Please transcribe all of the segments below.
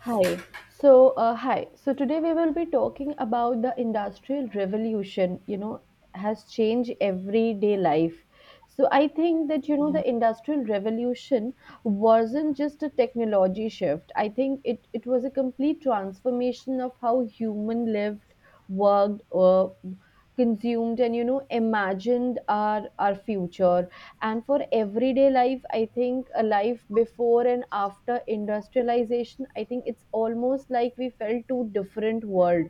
Hi. So, hi. So today we will be talking about the industrial revolution, has changed everyday life. So I think that Yeah. the industrial revolution wasn't just a technology shift. I think it was a complete transformation of how human lived, worked, consumed, and imagined our future. And for everyday life, I think a life before and after industrialization, I think it's almost like we felt two different world.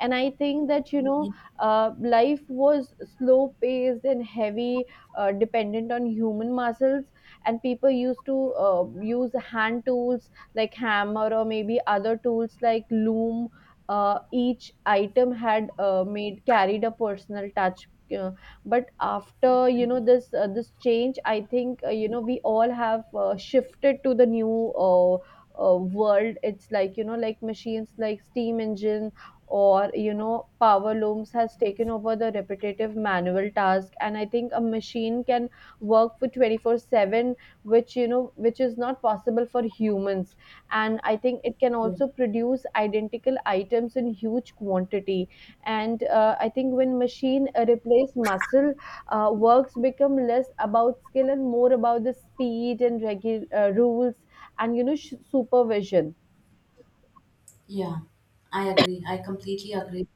And I think that you know Yeah. Life was slow paced and heavy, dependent on human muscles. And people used to use hand tools like hammer or maybe other tools like loom. Each item had made carried a personal touch. uh, but after, this change, I think, you know, we all have shifted to the new world. It's like, you know, like machines like steam engine or, you know, power looms has taken over the repetitive manual task. And I think a machine can work for 24/7, which, which is not possible for humans. And I think it can Yeah. also produce identical items in huge quantity. And I think when machine replace muscle, works become less about skill and more about the speed and rules and, you know, supervision. Yeah. I agree. I completely agree.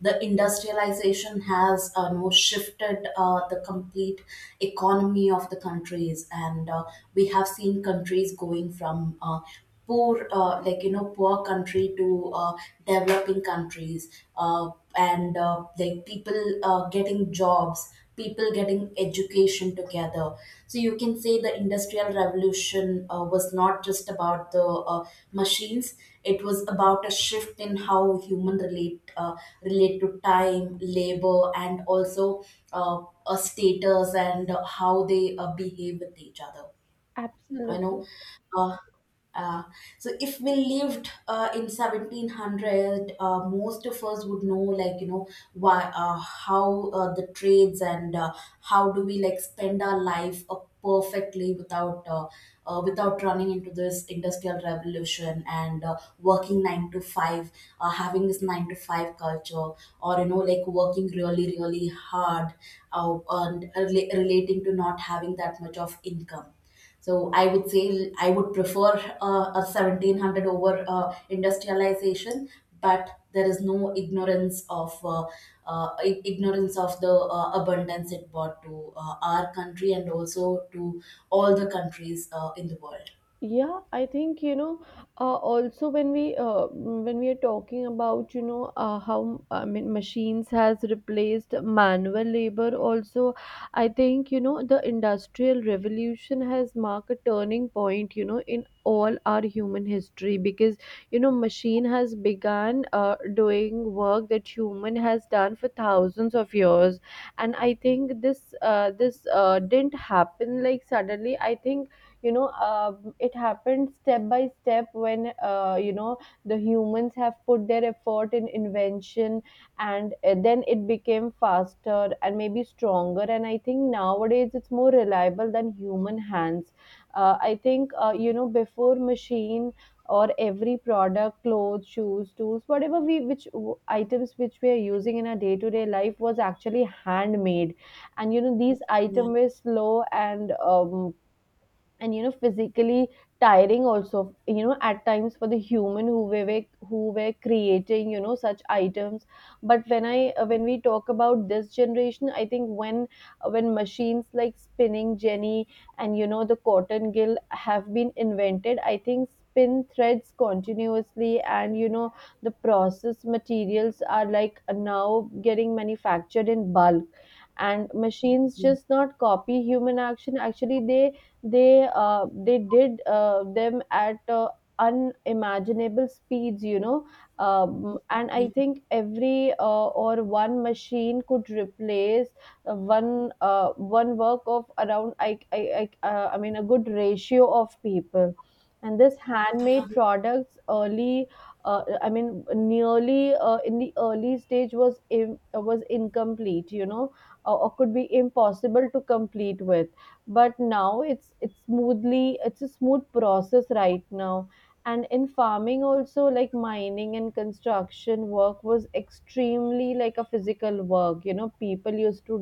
The industrialization has no shifted the complete economy of the countries, and we have seen countries going from poor, like you know, poor country to developing countries. Uh, and Like people getting jobs, people getting education together, so you can say the industrial revolution was not just about the machines, it was about a shift in how human relate to time, labor, and also uh, a status and how they behave with each other. I Absolutely. know. Uh, uh, so if we lived in 1700, most of us would know, like you know, why, how the trades and how do we like spend our life perfectly without without running into this industrial revolution and working nine to five, having this nine to five culture, or you know, like working really hard, relating to not having that much of income. So I would say I would prefer a 1700 over industrialization, but there is no ignorance of ignorance of the abundance it brought to our country and also to all the countries in the world. Yeah, I think you know. Also, when we are talking about, you know, how, I mean, machines has replaced manual labor. Also, I think, you know, the industrial revolution has marked a turning point. You know, in all our human history, because you know machine has began doing work that human has done for thousands of years. And I think this this didn't happen like suddenly. I think it happened step by step when, you know, the humans have put their effort in invention. And then it became faster and maybe stronger. And I think nowadays it's more reliable than human hands. I think You know, before machine, or every product, clothes, shoes, tools, whatever we, which items which we are using in our day to day life was actually handmade. And you know these Yeah, items were slow, and you know, physically tiring also, you know, at times for the human who we were, who were creating, you know, such items. But when we talk about this generation, I think when machines like spinning jenny and, you know, the cotton gill have been invented, I think spin threads continuously. And you know the process materials are like now getting manufactured in bulk. And machines just not copy human action, actually they did them at unimaginable speeds, you know. And I yeah, think every or one machine could replace uh, one uh, one work of around, I, I mean, a good ratio of people. And this yeah, handmade products early I mean nearly, in the early stage, was was incomplete, you know, or could be impossible to complete with. But now it's a smooth process right now. And in farming also, like mining and construction work was extremely like a physical work. You know, people used to,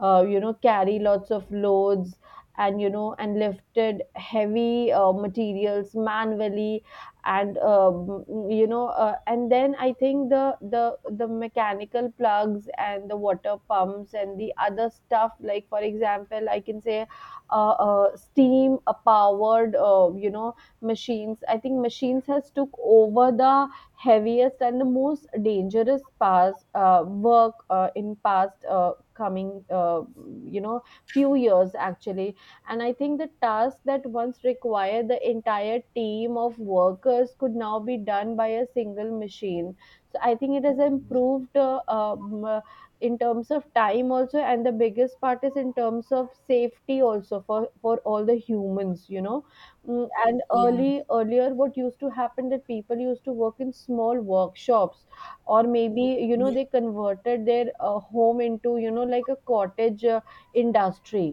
you know, carry lots of loads, and you know, and lifted heavy materials manually. And and then I think the mechanical plugs and the water pumps and the other stuff, like for example, I can say steam powered, you know, machines. I think machines has took over the heaviest and the most dangerous past work in past coming, you know, few years actually. And I think the tasks that once required the entire team of workers could now be done by a single machine. So I think it has improved in terms of time also, and the biggest part is in terms of safety also for all the humans, you know. And yeah, early earlier, what used to happen that people used to work in small workshops or maybe, you know, yeah, they converted their home into, you know, like a cottage industry.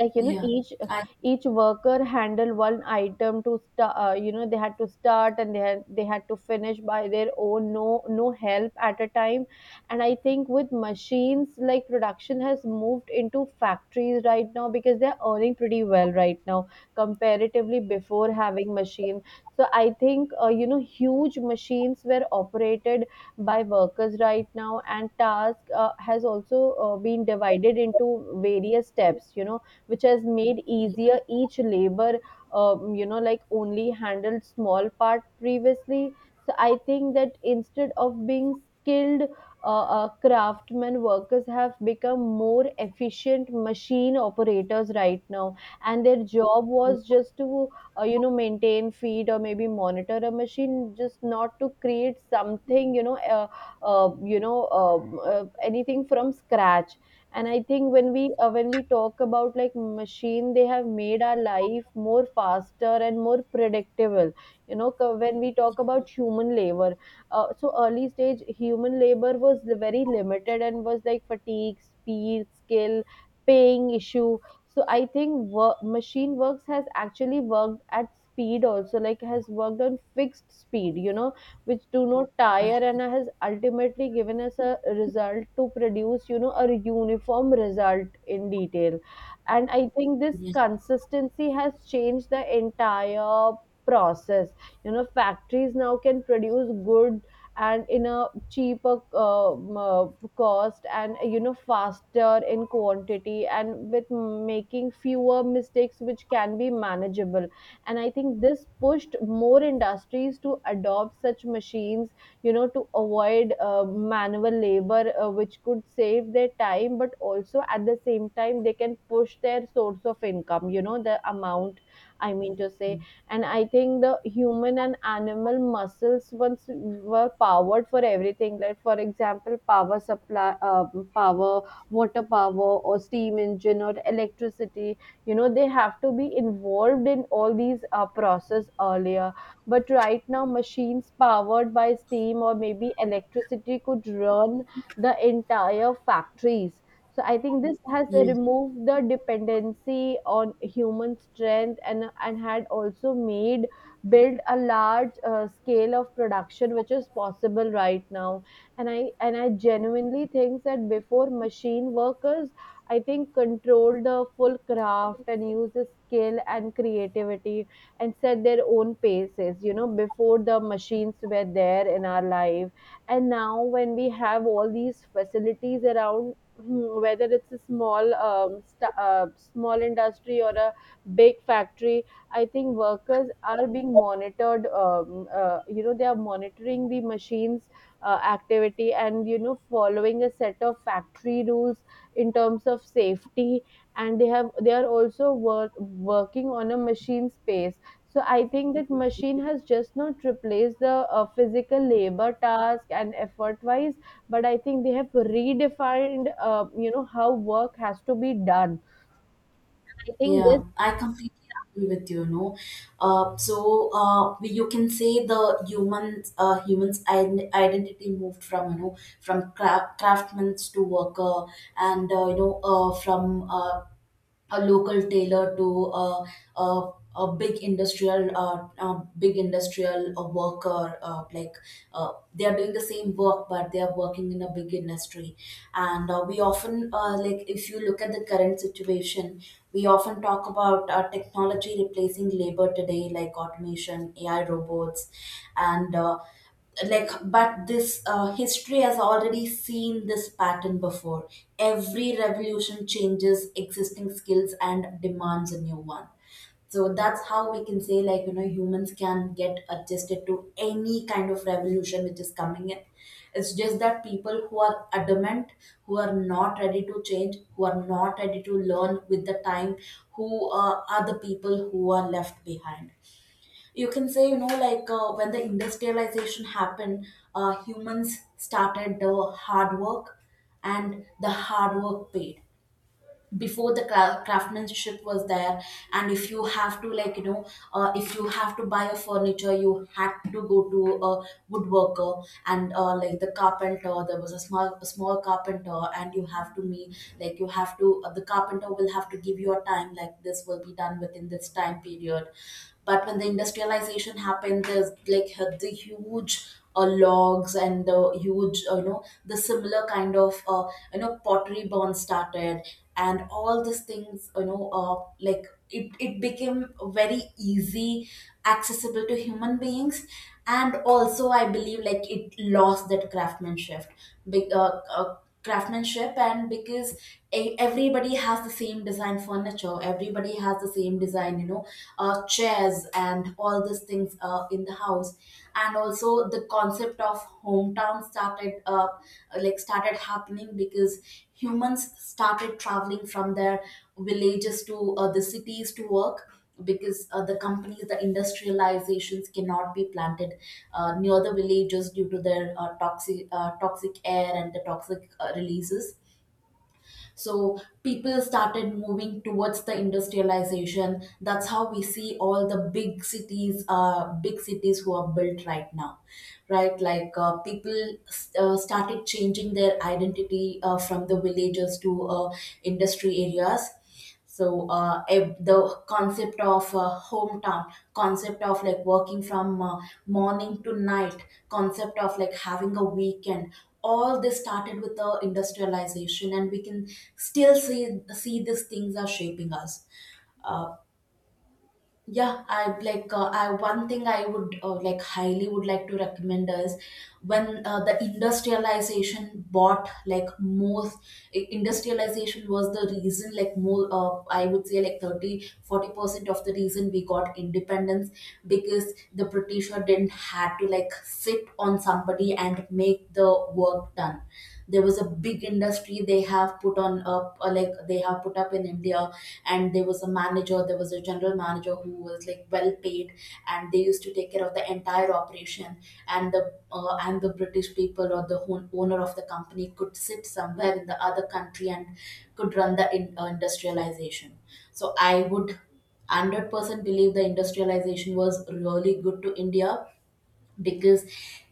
Like you know, yeah. each I, each worker handle one item to start. You know, they had to start and they had to finish by their own, no help at a time. And I think with machines, like, production has moved into factories right now because they're earning pretty well right now, comparatively before having machine. So I think, you know, huge machines were operated by workers right now. And task has also been divided into various steps, you know, which has made easier each labor, you know, like only handled small part previously. So I think that, instead of being skilled craftsmen, workers have become more efficient machine operators right now. And their job was just to, you know, maintain, feed, or maybe monitor a machine, just not to create something, you know, anything from scratch. And I think when we talk about like machine, they have made our life more faster and more predictable. You know, when we talk about human labor, so early stage human labor was very limited and was like fatigue, speed, skill, paying issue. So I think machine works has actually worked at speed also, like has worked on fixed speed, you know, which do not tire, and has ultimately given us a result to produce, you know, a uniform result in detail. And I think this yeah, consistency has changed the entire process. You know, factories now can produce good, and in a cheaper cost, and you know, faster in quantity, and with making fewer mistakes which can be manageable. And I think this pushed more industries to adopt such machines, you know, to avoid manual labor, which could save their time, but also at the same time they can push their source of income, you know, the amount, I mean to say. And I think the human and animal muscles once were powered for everything, like for example, power supply, power, water power, or steam engine, or electricity. You know, they have to be involved in all these process earlier. But right now machines powered by steam or maybe electricity could run the entire factories. So I think this has yeah. removed the dependency on human strength, and had also made build a large scale of production which is possible right now. And I genuinely think that before machine, workers, I think, control the full craft and use the skill and creativity and set their own paces. You know, before the machines were there in our life. And now, when we have all these facilities around, hmm, whether it's a small small industry or a big factory, I think workers are being monitored, you know, they are monitoring the machines activity, and you know, following a set of factory rules in terms of safety. And they are also working on a machine space. So I think that machine has just not replaced the physical labor task and effort wise, but I think they have redefined, you know, how work has to be done. I think this. Yeah, I completely agree with you. No, you can say the humans, humans' identity moved from you know from craftsmen to worker, and you know from a local tailor to a, a big industrial worker, like they are doing the same work but they are working in a big industry. And we often like if you look at the current situation, we often talk about technology replacing labor today, like automation, ai, robots, and like but this history has already seen this pattern before. Every revolution changes existing skills and demands a new one. So that's how we can say, like you know, humans can get adjusted to any kind of revolution which is coming in. It's just that people who are adamant, who are not ready to change, who are not ready to learn with the time, who are the people who are left behind. You can say you know, like when the industrialization happened, humans started the hard work, and the hard work paid. Before, the craftsmanship was there, and if you have to like you know, if you have to buy a furniture, you had to go to a woodworker and like the carpenter, there was a small carpenter and you have to meet, like you have to the carpenter will have to give you a time like this will be done within this time period. But when the industrialization happened, there's like the huge logs and the huge you know the similar kind of you know pottery burn started, and all these things you know, like it became very easy accessible to human beings. And also I believe like it lost that craftsmanship, big craftsmanship, and because everybody has the same design furniture, everybody has the same design you know, chairs and all these things in the house. And also the concept of hometown started, like started happening because humans started traveling from their villages to the cities to work, because the companies, the industrializations cannot be planted near the villages due to their toxic air and the toxic releases. So people started moving towards the industrialization. That's how we see all the big cities who are built right now, right? Like people started changing their identity from the villages to industry areas. The concept of hometown, concept of like working from morning to night, concept of like having a weekend, all this started with the industrialization, and we can still see these things are shaping us. Uh, yeah, I like I one thing I would like highly would like to recommend is when the industrialization bought, like most industrialization was the reason, like more I would say like 30 40 percent of the reason we got independence, because the britisher didn't had to like sit on somebody and make the work done. There was a big industry they have put on up, or like they have put up in india, and there was a manager, there was a general manager who was like well paid, and they used to take care of the entire operation. and the and the british people, or the owner of the company could sit somewhere in the other country and could run the industrialization. So I would 100% believe the industrialization was really good to india, because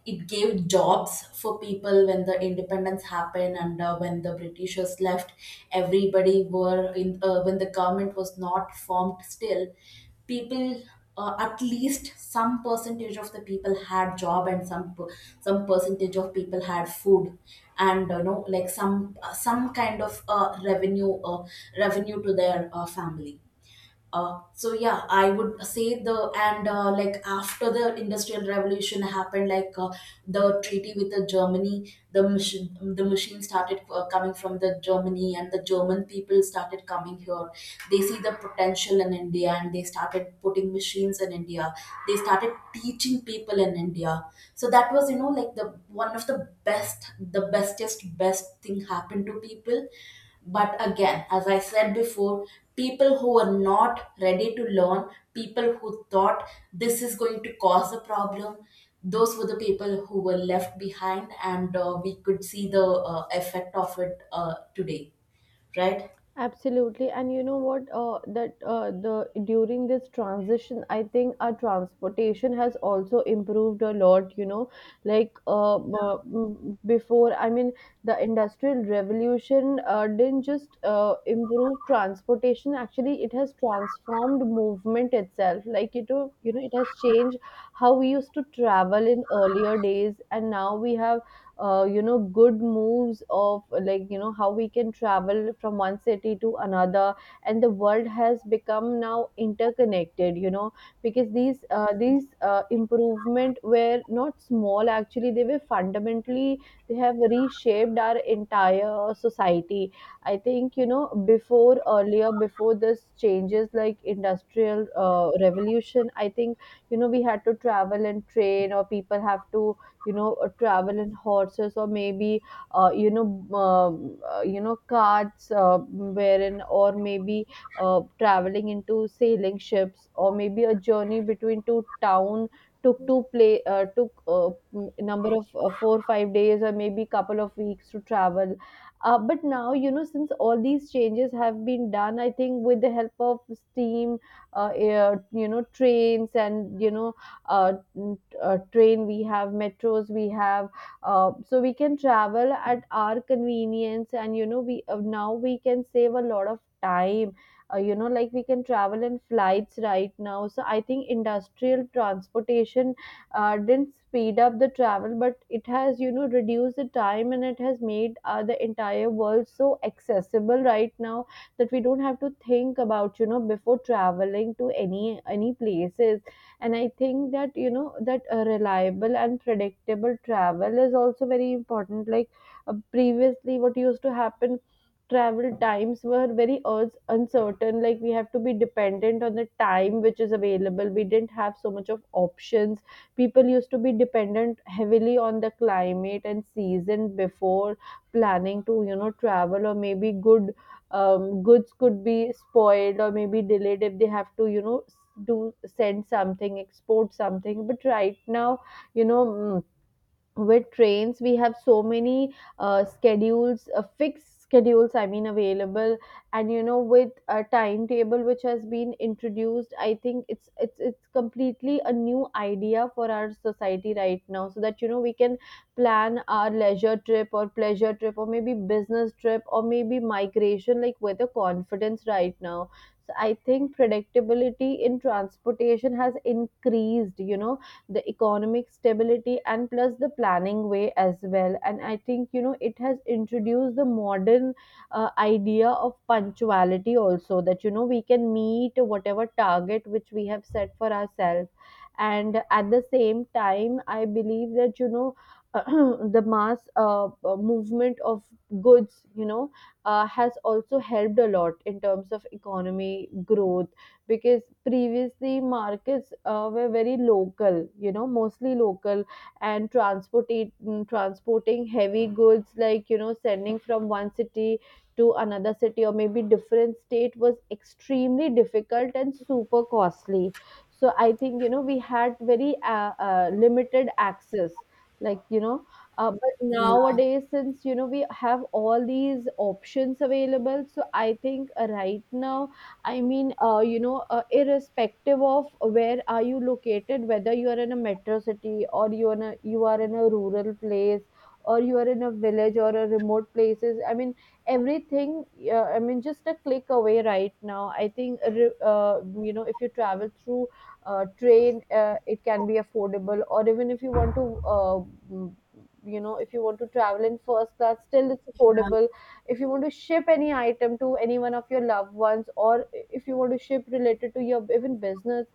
it gave jobs for people when the independence happened, and when the britishers left, everybody were in when the government was not formed still. People, at least some percentage of the people had job, and some percentage of people had food, and you know like some kind of revenue to their family. So yeah, I would say the, and like after the Industrial Revolution happened, like the treaty with the Germany, the machine started coming from the Germany, and the German people started coming here. They see the potential in India, and they started putting machines in India. They started teaching people in India. So that was you know like the one of the best, the bestest, best thing happened to people. But again, as I said before, people who were not ready to learn, people who thought this is going to cause a problem, those were the people who were left behind, and we could see the effect of it today, right? Absolutely, and you know what? That the During this transition, I think our transportation has also improved a lot. You know, like before, I mean, the industrial revolution didn't just improve transportation. Actually, it has transformed movement itself. Like, it has changed how we used to travel in earlier days, and now we have good moves of like how we can travel from one city to another, and the world has become now interconnected, because these improvement were not small, actually they were fundamentally, they have reshaped our entire society. I think, before, earlier, before this changes like industrial revolution, I think we had to travel and train, or people have to travel in horses, or maybe uh, you know carts, wherein, or maybe traveling into sailing ships, or maybe a journey between two town took two play number of 4 5 days or maybe couple of weeks to travel. But now, since all these changes have been done, I think with the help of steam, air, trains, and uh, train, we have metros, we have so we can travel at our convenience, and you know we now we can save a lot of time. Like, we can travel in flights right now. So I think industrial transportation didn't speed up the travel, but it has reduced the time, and it has made the entire world so accessible right now, that we don't have to think about before traveling to any places. And I think that that reliable and predictable travel is also very important. Like, previously what used to happen, travel times were very uncertain, like we have to be dependent on the time which is available, we didn't have so much of options. People used to be dependent heavily on the climate and season before planning to travel, or maybe good, goods could be spoiled or maybe delayed if they have to do send something, export something. But right now, you know mm, with trains we have so many schedules, fixed schedules, I mean, available. And with a timetable which has been introduced, I think it's completely a new idea for our society right now, so that we can plan our leisure trip, or pleasure trip, or maybe business trip, or maybe migration, like, with a confidence right now. So I think predictability in transportation has increased, the economic stability, and plus the planning way as well. And I think it has introduced the modern idea of punctuality also, that we can meet whatever target which we have set for ourselves. And at the same time I believe that the mass movement of goods, has also helped a lot in terms of economy growth. Because previously markets were very local, you know, mostly local, and transporting heavy goods, like sending from one city to another city or maybe different state was extremely difficult and super costly. So I think we had very limited access, like. But Yeah, nowadays, since we have all these options available, so I think right now, I mean, irrespective of where are you located, whether you are in a metro city, or you are in a rural place, or you are in a village, or a remote places. I mean, everything. I mean, just a click away right now. I think, if you travel through train, it can be affordable. Or even if you want to, if you want to travel in first class, still it's affordable. If you want to ship any item to any one of your loved ones, or if you want to ship related to your even business,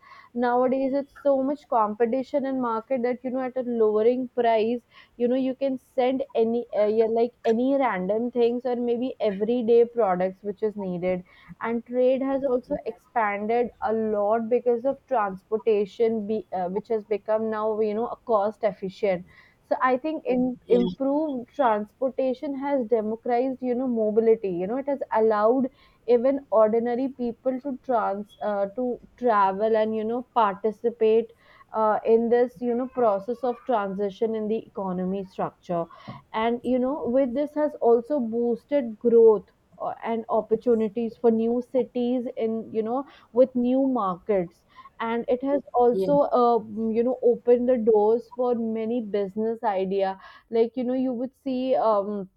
nowadays it's so much competition in market that at a lowering price you can send any yeah, like any random things, or maybe everyday products which is needed. And trade has also expanded a lot because of transportation, which has become now cost efficient. So I think yeah, improved transportation has democratized, mobility, it has allowed even ordinary people to trans to travel, and participate in this process of transition in the economy structure. And with this has also boosted growth, and opportunities for new cities in, with new markets. And it has yeah, also opened the doors for many business idea. Like, you would see,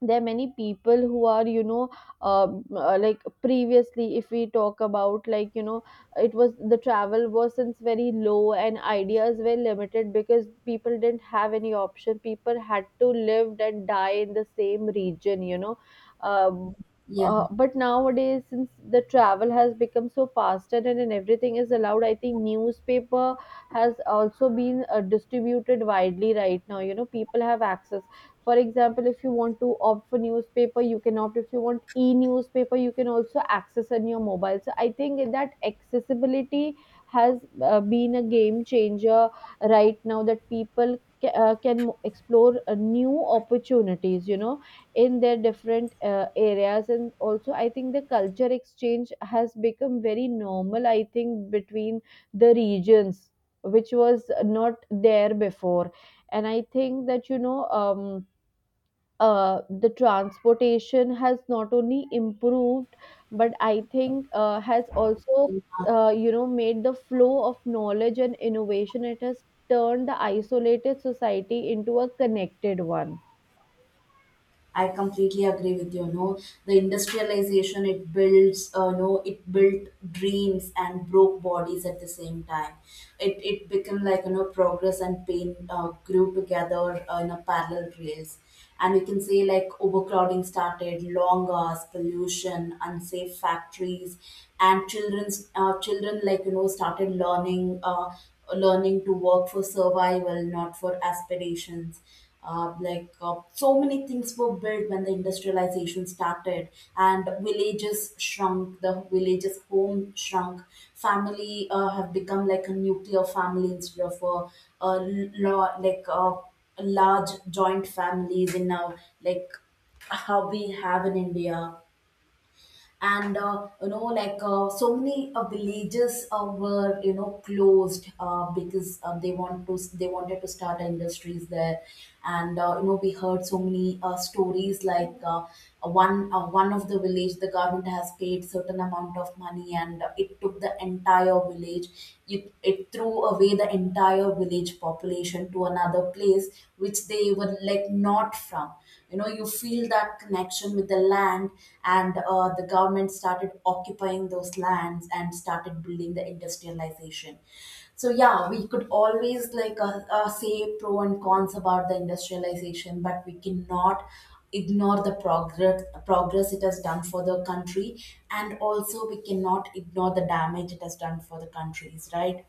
there are many people who are like previously if we talk about, like, it was the travel was since very low, and ideas were limited because people didn't have any option, people had to live and die in the same region, um, yeah. But nowadays since the travel has become so faster, and everything is allowed, I think newspaper has also been distributed widely right now. People have access, for example, if you want to opt for newspaper you can opt, if you want e-newspaper you can also access on your mobile. So I think that accessibility has been a game changer right now, that people can explore new opportunities, in their different areas. And also I think the culture exchange has become very normal, I think, between the regions, which was not there before. And I think that the transportation has not only improved, but I think has also made the flow of knowledge and innovation, it has turned the isolated society into a connected one. I completely agree with you. No, the industrialization it builds. No, it built dreams and broke bodies at the same time. It became like you know, progress and pain grew together in a parallel rails, and we can say like overcrowding started, long hours, pollution, unsafe factories, and children like you know started learning. Learning to work for survival, not for aspirations. So many things were built when the industrialization started, and villages shrunk. The villages' home shrunk. Family have become like a nuclear family instead of a lo- like large joint families in now, like how we have in India. And you know like so many villages were you know closed, because they wanted to start industries there. And you know we heard so many stories, like one of the village, the government has paid certain amount of money, and it took the entire village, it threw away the entire village population to another place which they were like not from. You know, you feel that connection with the land, and the government started occupying those lands and started building the industrialization. So yeah, we could always like say pro and cons about the industrialization, but we cannot ignore the progress it has done for the country, and also we cannot ignore the damage it has done for the countries, right?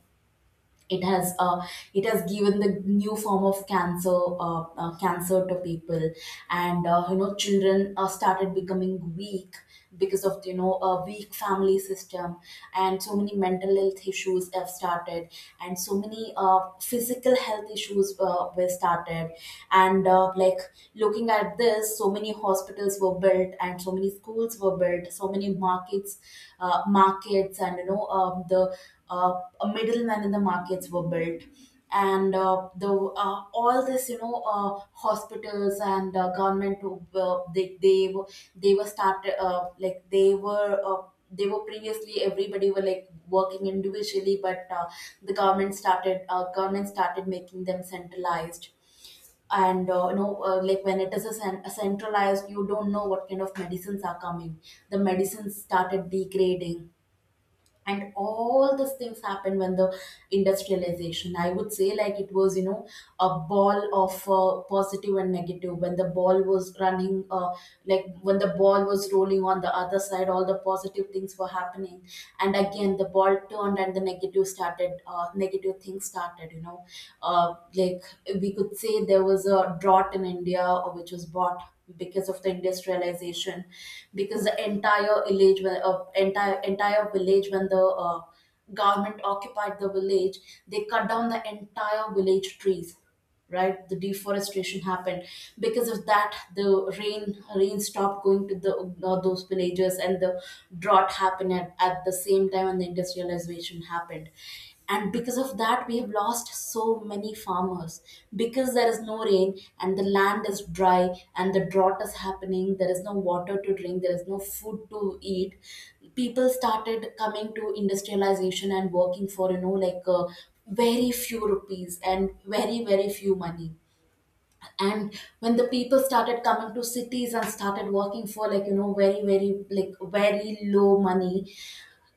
it has uh, it has given the new form of cancer to people, and you know children started becoming weak because of you know a weak family system, and so many mental health issues have started, and so many physical health issues were started. And looking at this, so many hospitals were built and so many schools were built, so many markets, markets, and you know, the uh, a middleman in the markets were built. And the all this you know, hospitals and government, they were, they were started, they were previously everybody were like working individually, but the government started making them centralized. And you know like when it is a, a centralized, you don't know what kind of medicines are coming. The medicines started degrading, and all these things happened when the industrialization, I would say, like it was you know a ball of positive and negative. When the ball was running, like when the ball was rolling on the other side, all the positive things were happening, and again the ball turned and the negative started, negative things Started, you know, like, we could say there was a drought in India which was bought because of the industrialization. Because the entire village, when the government occupied the village, they cut down the entire village trees. Right, the deforestation happened. Because of that, the rain rain stopped going to the those villages, and the drought happened at the same time when the industrialization happened. And because of that we have lost so many farmers, because there is no rain and the land is dry and the drought is happening. There is no water to drink, there is no food to eat. People started coming to industrialization and working for, very few rupees and very very few money. And when the people started coming to cities and started working for, like, you know, very very like very low money,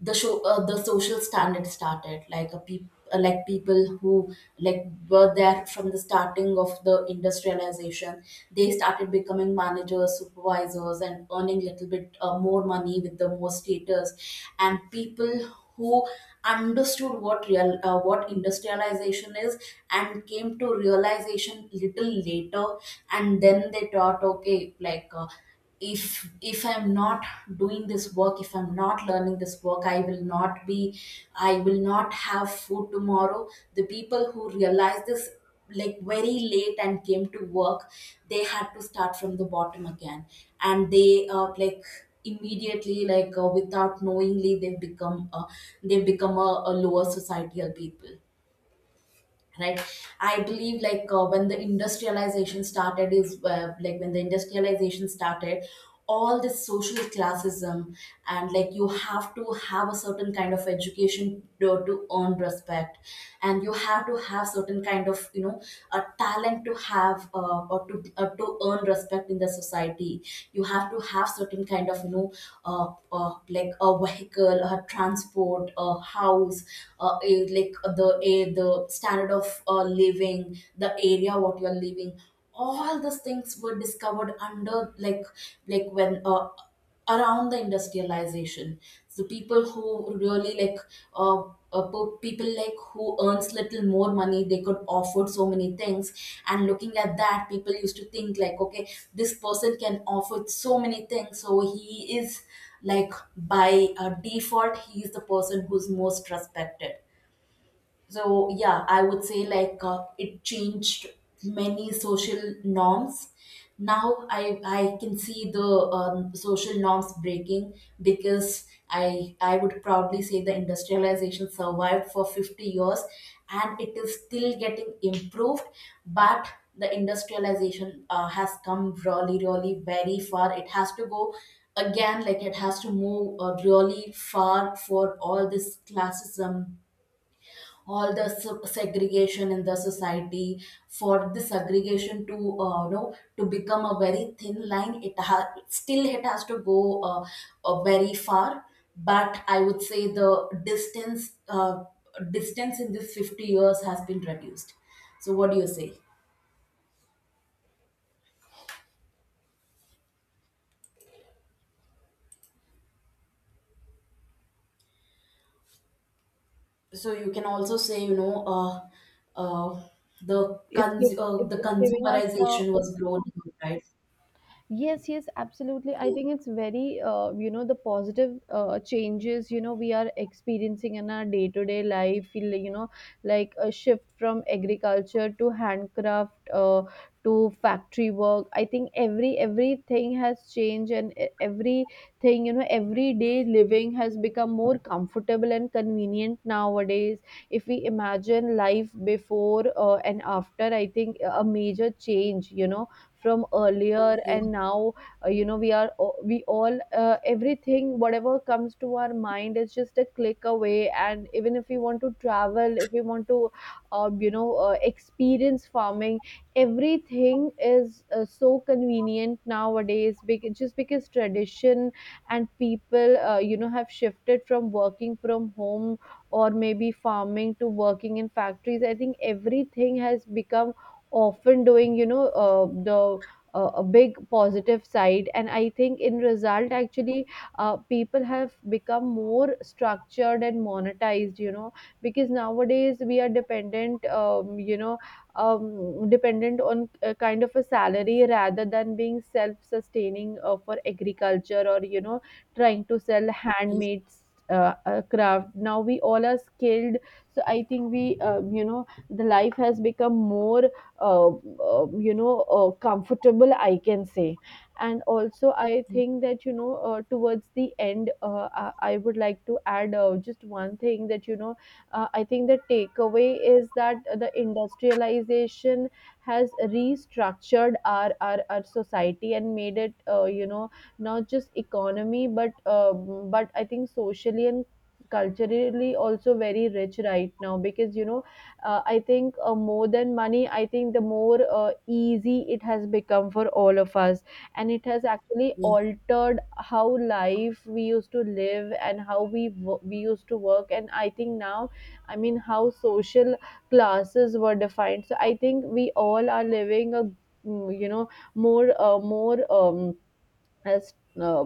the social standard started, like, like, people who, like, were there from the starting of the industrialization, they started becoming managers, supervisors, and earning little bit more money with the more status. And people who understood what real what industrialization is and came to realization little later, and then they thought, okay, if I'm not doing this work, if I'm not learning this work, I will not be, I will not have food tomorrow. The people who realized this like very late and came to work, they had to start from the bottom again. And they, like, immediately, without knowingly, they've become a lower societal people, right? I believe, when the industrialization started, all this social classism, and like you have to have a certain kind of education to earn respect, and you have to have certain kind of, you know, a talent to have, or to earn respect in the society. You have to have certain kind of, you know, like a vehicle, a transport, a house, like the a the standard of living, the area what you are living, all these things were discovered under, like when around the industrialization. So people who really like uh, people like who earns little more money, they could afford so many things. And looking at that, people used to think like, okay, this person can afford so many things, so he is, like by default, he is the person who's most respected. So yeah, I would say it changed many social norms. Now, I can see the social norms breaking, because I would proudly say the industrialization survived for 50 years and it is still getting improved, but the industrialization has come really really very far. It has to go again, like it has to move really far. For all this classism, all the segregation in the society, for the segregation to, you know, to become a very thin line, it has still, it has to go very far. But I would say the distance in this 50 years has been reduced. So what do you say? So you can also say, you know, uh, it's giv- the it's giving us the... consumerization was growing, right? Yes, yes, absolutely. I Yeah, think it's very, the positive changes, we are experiencing in our day-to-day life, feel, like a shift from agriculture to handcraft to factory work. I think everything has changed, and everything, everyday living has become more comfortable and convenient nowadays. If we imagine life before and after, I think a major change, from earlier yeah. and now, we are we all, everything whatever comes to our mind is just a click away, and even if we want to travel, if we want to experience farming, everything is so convenient nowadays, because, just because tradition, and people have shifted from working from home or maybe farming to working in factories. I think everything has become often doing the a big positive side. And I think in result, actually, people have become more structured and monetized, because nowadays we are dependent, dependent on a kind of a salary, rather than being self sustaining for agriculture, or trying to sell handmade craft, now we all are skilled. So I think we, the life has become more uh, comfortable, I can say. And also I think that towards the end, I would like to add just one thing, that I think the takeaway is that the industrialization has restructured our society, and made it not just economy, but I think socially and culturally also very rich right now, because I think more than money, I think the more easy it has become for all of us. And it has actually Yeah. altered how life we used to live, and how we used to work. And I think now, I mean, how social classes were defined. So I think we all are living a, more, more, um as, uh,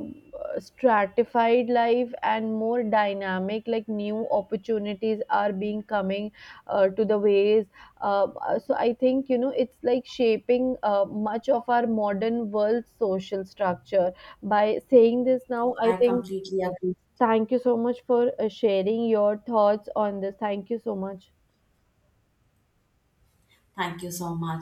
stratified life, and more dynamic, like new opportunities are being coming to the ways. uh, so I think it's like shaping, much of our modern world social structure. By saying this now, I I think, completely agree. thank you so much for sharing your thoughts on this. Thank you so much. Thank you so much.